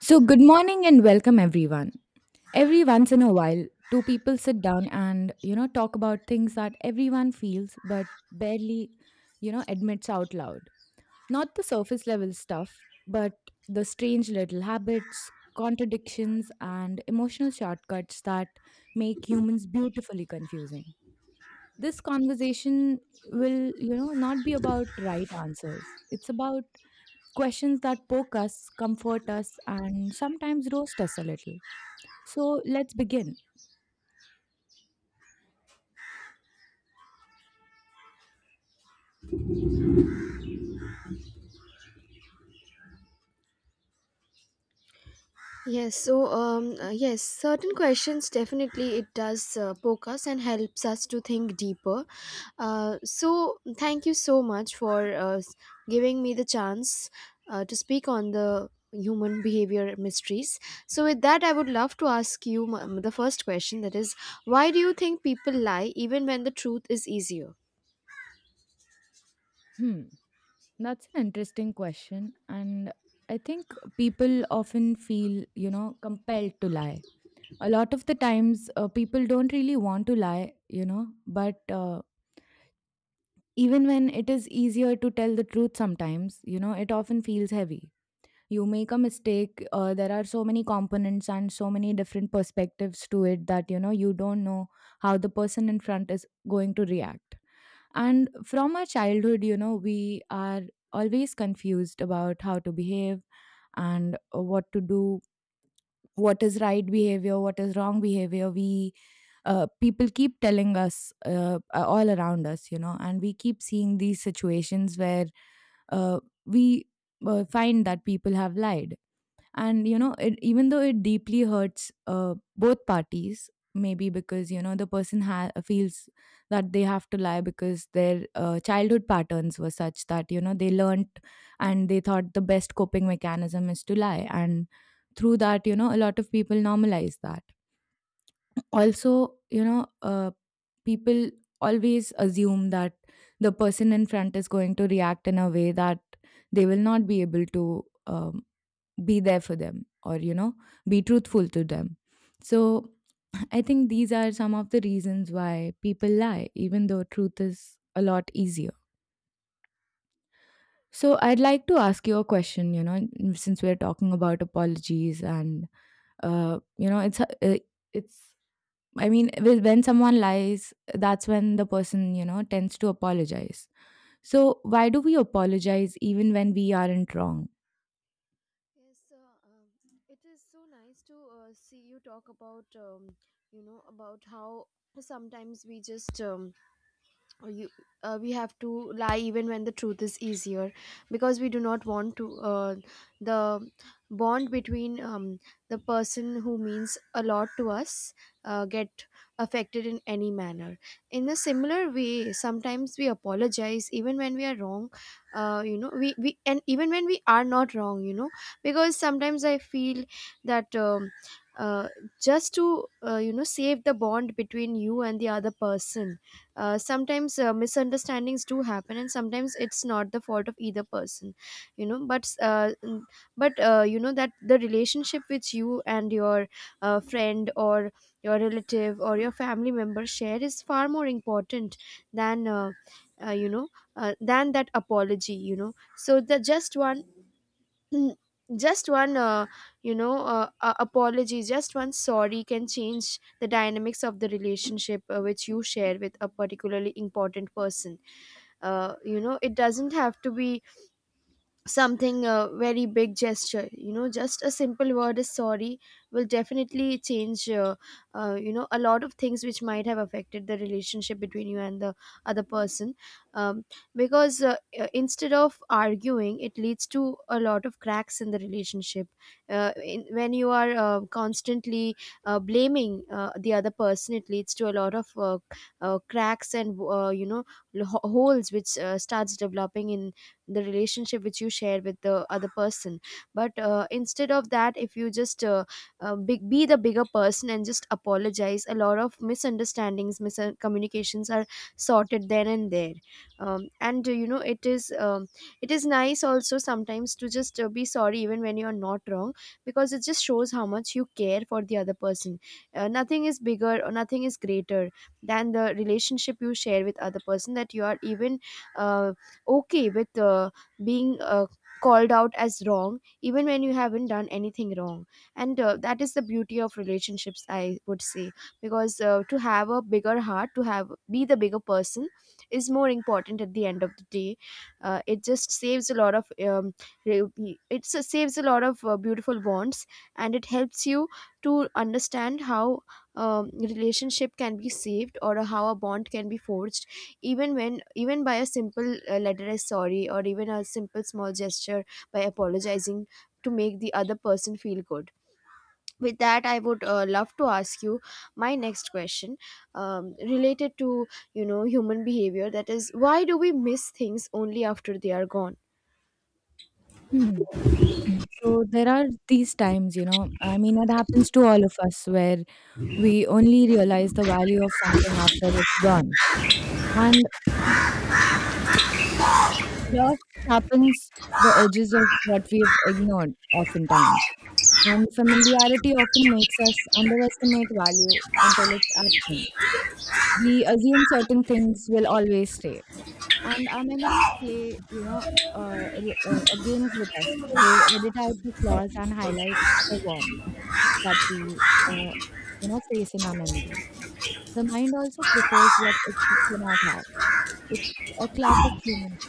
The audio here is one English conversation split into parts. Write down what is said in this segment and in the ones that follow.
So, good morning and welcome everyone. Every once in a while, two people sit down and, talk about things that everyone feels but barely, admits out loud. Not the surface level stuff, but the strange little habits, contradictions, and emotional shortcuts that make humans beautifully confusing. This conversation will, not be about right answers. It's about questions that poke us, comfort us, and sometimes roast us a little. So let's begin. Yes, so yes, certain questions definitely it does poke us and helps us to think deeper. So thank you so much for giving me the chance to speak on the human behavior mysteries. So with that, I would love to ask you the first question, that is, why do you think people lie even when the truth is easier? Hmm, that's an interesting question. And I think people often feel, compelled to lie. A lot of the times, people don't really want to lie, but even when it is easier to tell the truth sometimes, it often feels heavy. You make a mistake, there are so many components and so many different perspectives to it that you don't know how the person in front is going to react. And from our childhood, we are always confused about how to behave and what to do. What is right behavior, what is wrong behavior? We People keep telling us, all around us, and we keep seeing these situations where uh, we find that people have lied. And it, even though it deeply hurts both parties, maybe because the person feels that they have to lie because their childhood patterns were such that they learnt, and they thought the best coping mechanism is to lie. And through that, a lot of people normalize that. Also, people always assume that the person in front is going to react in a way that they will not be able to be there for them, or be truthful to them. So I think these are some of the reasons why people lie, even though truth is a lot easier. So I'd like to ask you a question, since we're talking about apologies. And uh, you know, it's uh, it's I mean, when someone lies, that's when the person, tends to apologize. So why do we apologize even when we aren't wrong? Yes, it is so nice to see you talk about, about how sometimes we just or you we have to lie even when the truth is easier, because we do not want to, the bond between, the person who means a lot to us, get affected in any manner. In a similar way, sometimes we apologize even when we are wrong, we, and even when we are not wrong, you know, because sometimes I feel that, uh, just to, save the bond between you and the other person. Sometimes misunderstandings do happen, and sometimes it's not the fault of either person, you know, but that the relationship which you and your friend, or your relative, or your family member share is far more important than, uh, you know than that apology, you know. So the just one, Mm, just one uh, apology, just one sorry can change the dynamics of the relationship, which you share with a particularly important person. It doesn't have to be something, a very big gesture, you know, just a simple word is sorry will definitely change, a lot of things which might have affected the relationship between you and the other person. um, because, instead of arguing, it leads to a lot of cracks in the relationship. When you are constantly blaming the other person, it leads to a lot of, cracks, and, holes which starts developing in the relationship which you share with the other person. But instead of that, if you just be the bigger person and just apologize, a lot of misunderstandings, miscommunications are sorted there and there. And you know It is, it is nice also sometimes to just be sorry even when you are not wrong, because it just shows how much you care for the other person. Nothing is bigger or nothing is greater than the relationship you share with other person, that you are even uh, okay with being called out as wrong even when you haven't done anything wrong. And that is the beauty of relationships, I would say, because to have a bigger heart, to have be the bigger person is more important at the end of the day. Uh, it just saves a lot of re- it s- saves a lot of beautiful bonds, and it helps you to understand how relationship can be saved, or how a bond can be forged, even by a simple letter as sorry, or even a simple small gesture, by apologizing to make the other person feel good. With that, I would love to ask you my next question, related to, you know, human behavior, that is, why do we miss things only after they are gone? Hmm. Mm. So there are these times, I mean, it happens to all of us, where we only realize the value of something after it's gone. And. Loss sharpens the edges of what we've ignored oftentimes, and familiarity often makes us underestimate value until it's absent. We assume certain things will always stay, and our memories play, games with us. They edit out the flaws and highlight the warmth that we, uh, face in our memories. The mind also prefers what it cannot have. It's a classic human,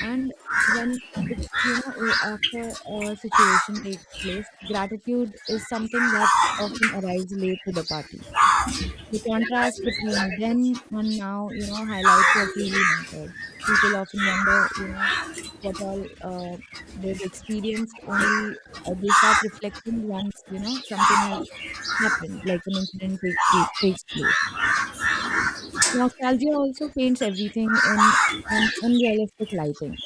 and when it's, after a situation takes place, gratitude is something that often arrives late to the party. The contrast between then and now, highlights what really mattered. People often wonder, what all uh, they've experienced. Only they start reflecting once, something has happened, like an incident takes place. Nostalgia also paints everything in an unrealistic lighting.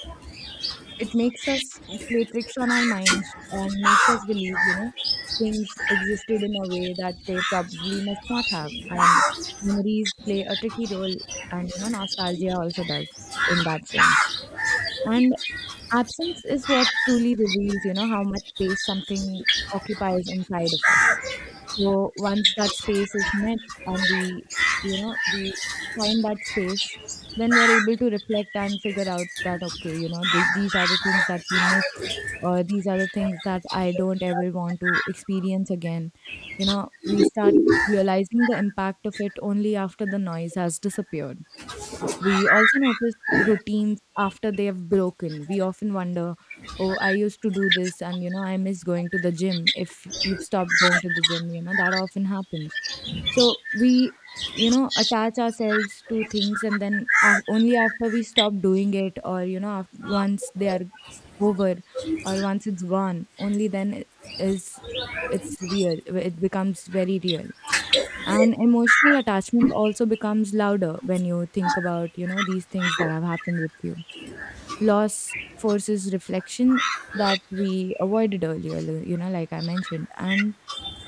It makes us play tricks on our minds and makes us believe, things existed in a way that they probably must not have. And memories play a tricky role, and, nostalgia also does in that sense. And absence is what truly reveals, how much space something occupies inside of us. So once that space is met and we find that space, then we're able to reflect and figure out that, okay, these are the things that we missed, or these are the things that I don't ever want to experience again. We start realizing the impact of it only after the noise has disappeared. We also notice routines after they have broken. We often wonder, oh, I used to do this, and, I miss going to the gym. If you've stopped going to the gym, that often happens. So we, attach ourselves to things, and then only after we stop doing it, or, after, once they are over, or once it's gone, only then is it's real. It becomes very real. And emotional attachment also becomes louder when you think about, these things that have happened with you. Loss forces reflection that we avoided earlier, like I mentioned. And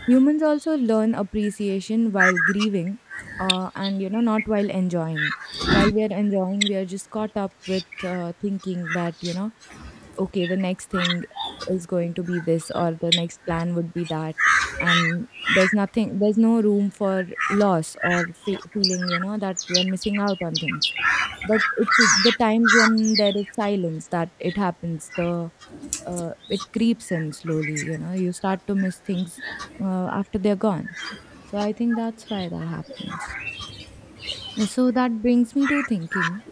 humans also learn appreciation while grieving, and, not while enjoying. While we are enjoying, we are just caught up with, thinking that, okay, the next thing is going to be this, or the next plan would be that. And there's nothing, there's no room for loss or feeling, that you're missing out on things. But it's the times when there is silence that it happens. The It creeps in slowly. You start to miss things, after they're gone. So I think that's why that happens. And so that brings me to thinking,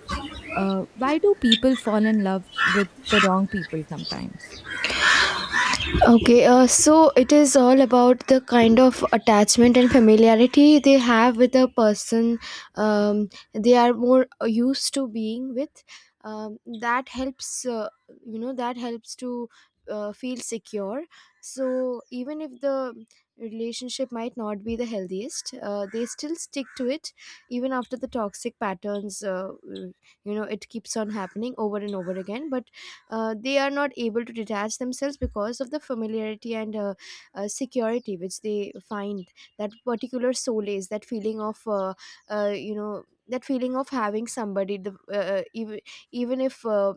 why do people fall in love with the wrong people sometimes? Okay, so it is all about the kind of attachment and familiarity they have with a person, um, they are more used to being with. Um, that helps, uh, that helps to feel secure. So even if the relationship might not be the healthiest, they still stick to it even after the toxic patterns, it keeps on happening over and over again. But they are not able to detach themselves because of the familiarity and, security which they find, that particular solace, that feeling of, that feeling of having somebody, even if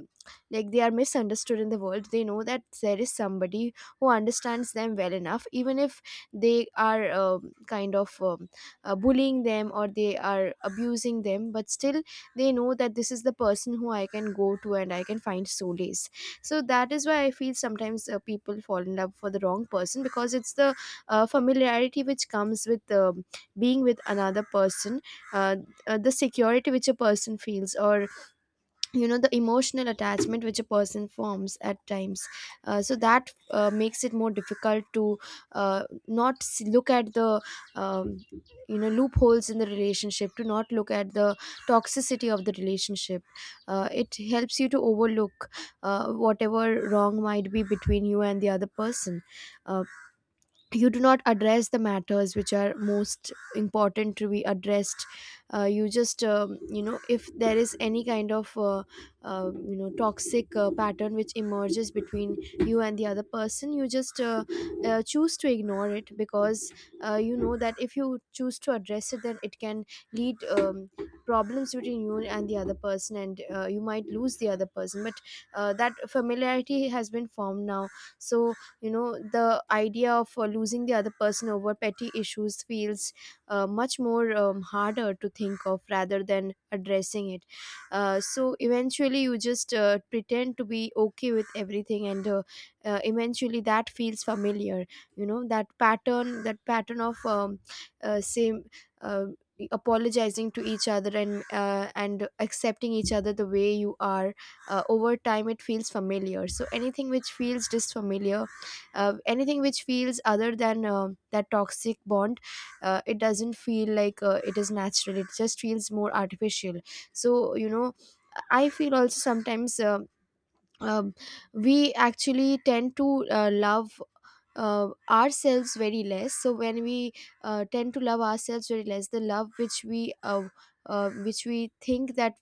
like they are misunderstood in the world, they know that there is somebody who understands them well enough, even if they are, kind of, bullying them, or they are abusing them, but still they know that this is the person who I can go to and I can find solace. So that is why I feel sometimes people fall in love for the wrong person, because it's the familiarity which comes with being with another person, uh, the security which a person feels, or you know, the emotional attachment which a person forms at times. So that makes it more difficult to, not s- look at the, um, loopholes in the relationship, to not look at the toxicity of the relationship. It helps you to overlook whatever wrong might be between you and the other person. uh, you do not address the matters which are most important to be addressed. You just, if there is any kind of, toxic pattern which emerges between you and the other person, you just choose to ignore it, because that if you choose to address it, then it can lead, problems between you and the other person, and you might lose the other person, but that familiarity has been formed now. So, you know, the idea of losing the other person over petty issues feels much more, harder to think of rather than addressing it. So eventually you just pretend to be okay with everything, and eventually that feels familiar. You know that pattern, that pattern of, same, uh, apologizing to each other, and accepting each other the way you are. Over time it feels familiar, so anything which feels disfamiliar, anything which feels other than that toxic bond, it doesn't feel like it is natural, it just feels more artificial. So you know, I feel also sometimes, um, we actually tend to love ourselves very less. So when we tend to love ourselves very less, the love which we, which we think that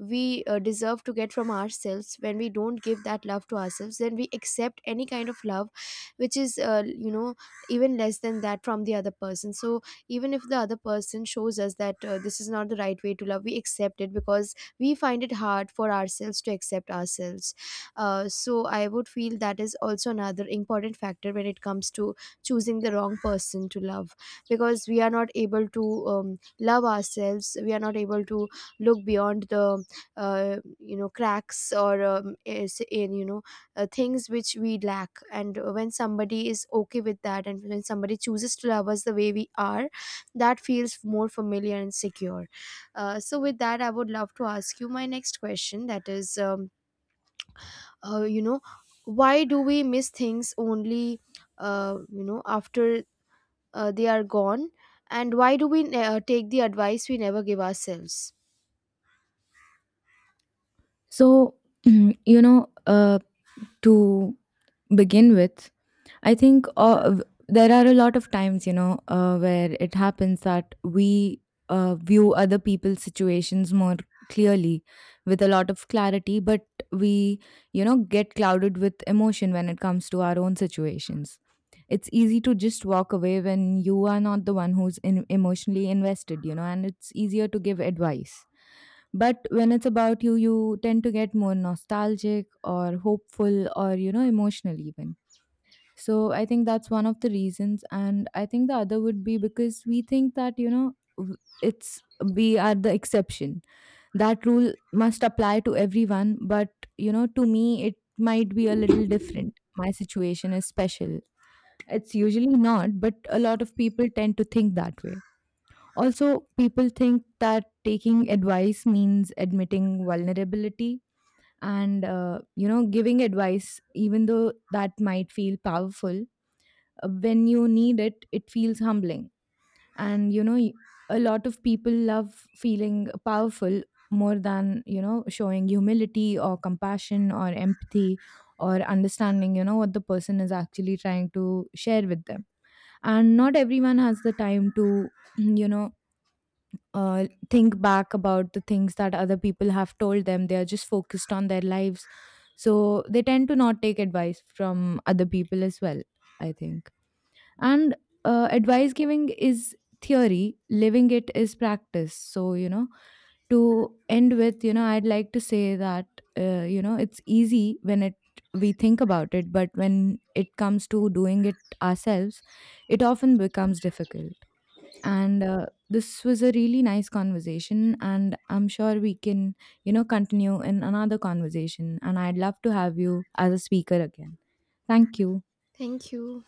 we deserve to get from ourselves, when we don't give that love to ourselves, then we accept any kind of love which is, even less than that from the other person. So even if the other person shows us that this is not the right way to love, we accept it, because we find it hard for ourselves to accept ourselves. So I would feel that is also another important factor when it comes to choosing the wrong person to love. Because we are not able to love ourselves, we are not able to look beyond the, cracks, or, is in, you know, things which we lack, and when somebody is okay with that, and when somebody chooses to love us the way we are, that feels more familiar and secure. So with that, I would love to ask you my next question, that is, uh, you know why do we miss things only, after they are gone, and why do we take the advice we never give ourselves. So, you know, uh, to begin with, I think, there are a lot of times, where it happens that we view other people's situations more clearly, with a lot of clarity, but we, get clouded with emotion when it comes to our own situations. It's easy to just walk away when you are not the one who's emotionally invested, and it's easier to give advice. But when it's about you, you tend to get more nostalgic or hopeful, or, emotional, even, so I think that's one of the reasons. And I think the other would be because we think that, you know, w- it's we are the exception. That rule must apply to everyone. But, to me, it might be a little different. My situation is special. It's usually not, but a lot of people tend to think that way. Also, people think that taking advice means admitting vulnerability, and, giving advice, even though that might feel powerful, when you need it, it feels humbling. And, a lot of people love feeling powerful more than, showing humility or compassion or empathy or understanding, what the person is actually trying to share with them. And not everyone has the time to, think back about the things that other people have told them. They are just focused on their lives. So they tend to not take advice from other people as well, I think. And advice giving is theory. Living it is practice. So, to end with, I'd like to say that, it's easy when it we think about it, but when it comes to doing it ourselves, it often becomes difficult. And this was a really nice conversation, and I'm sure we can, continue in another conversation, and I'd love to have you as a speaker again. Thank you. Thank you.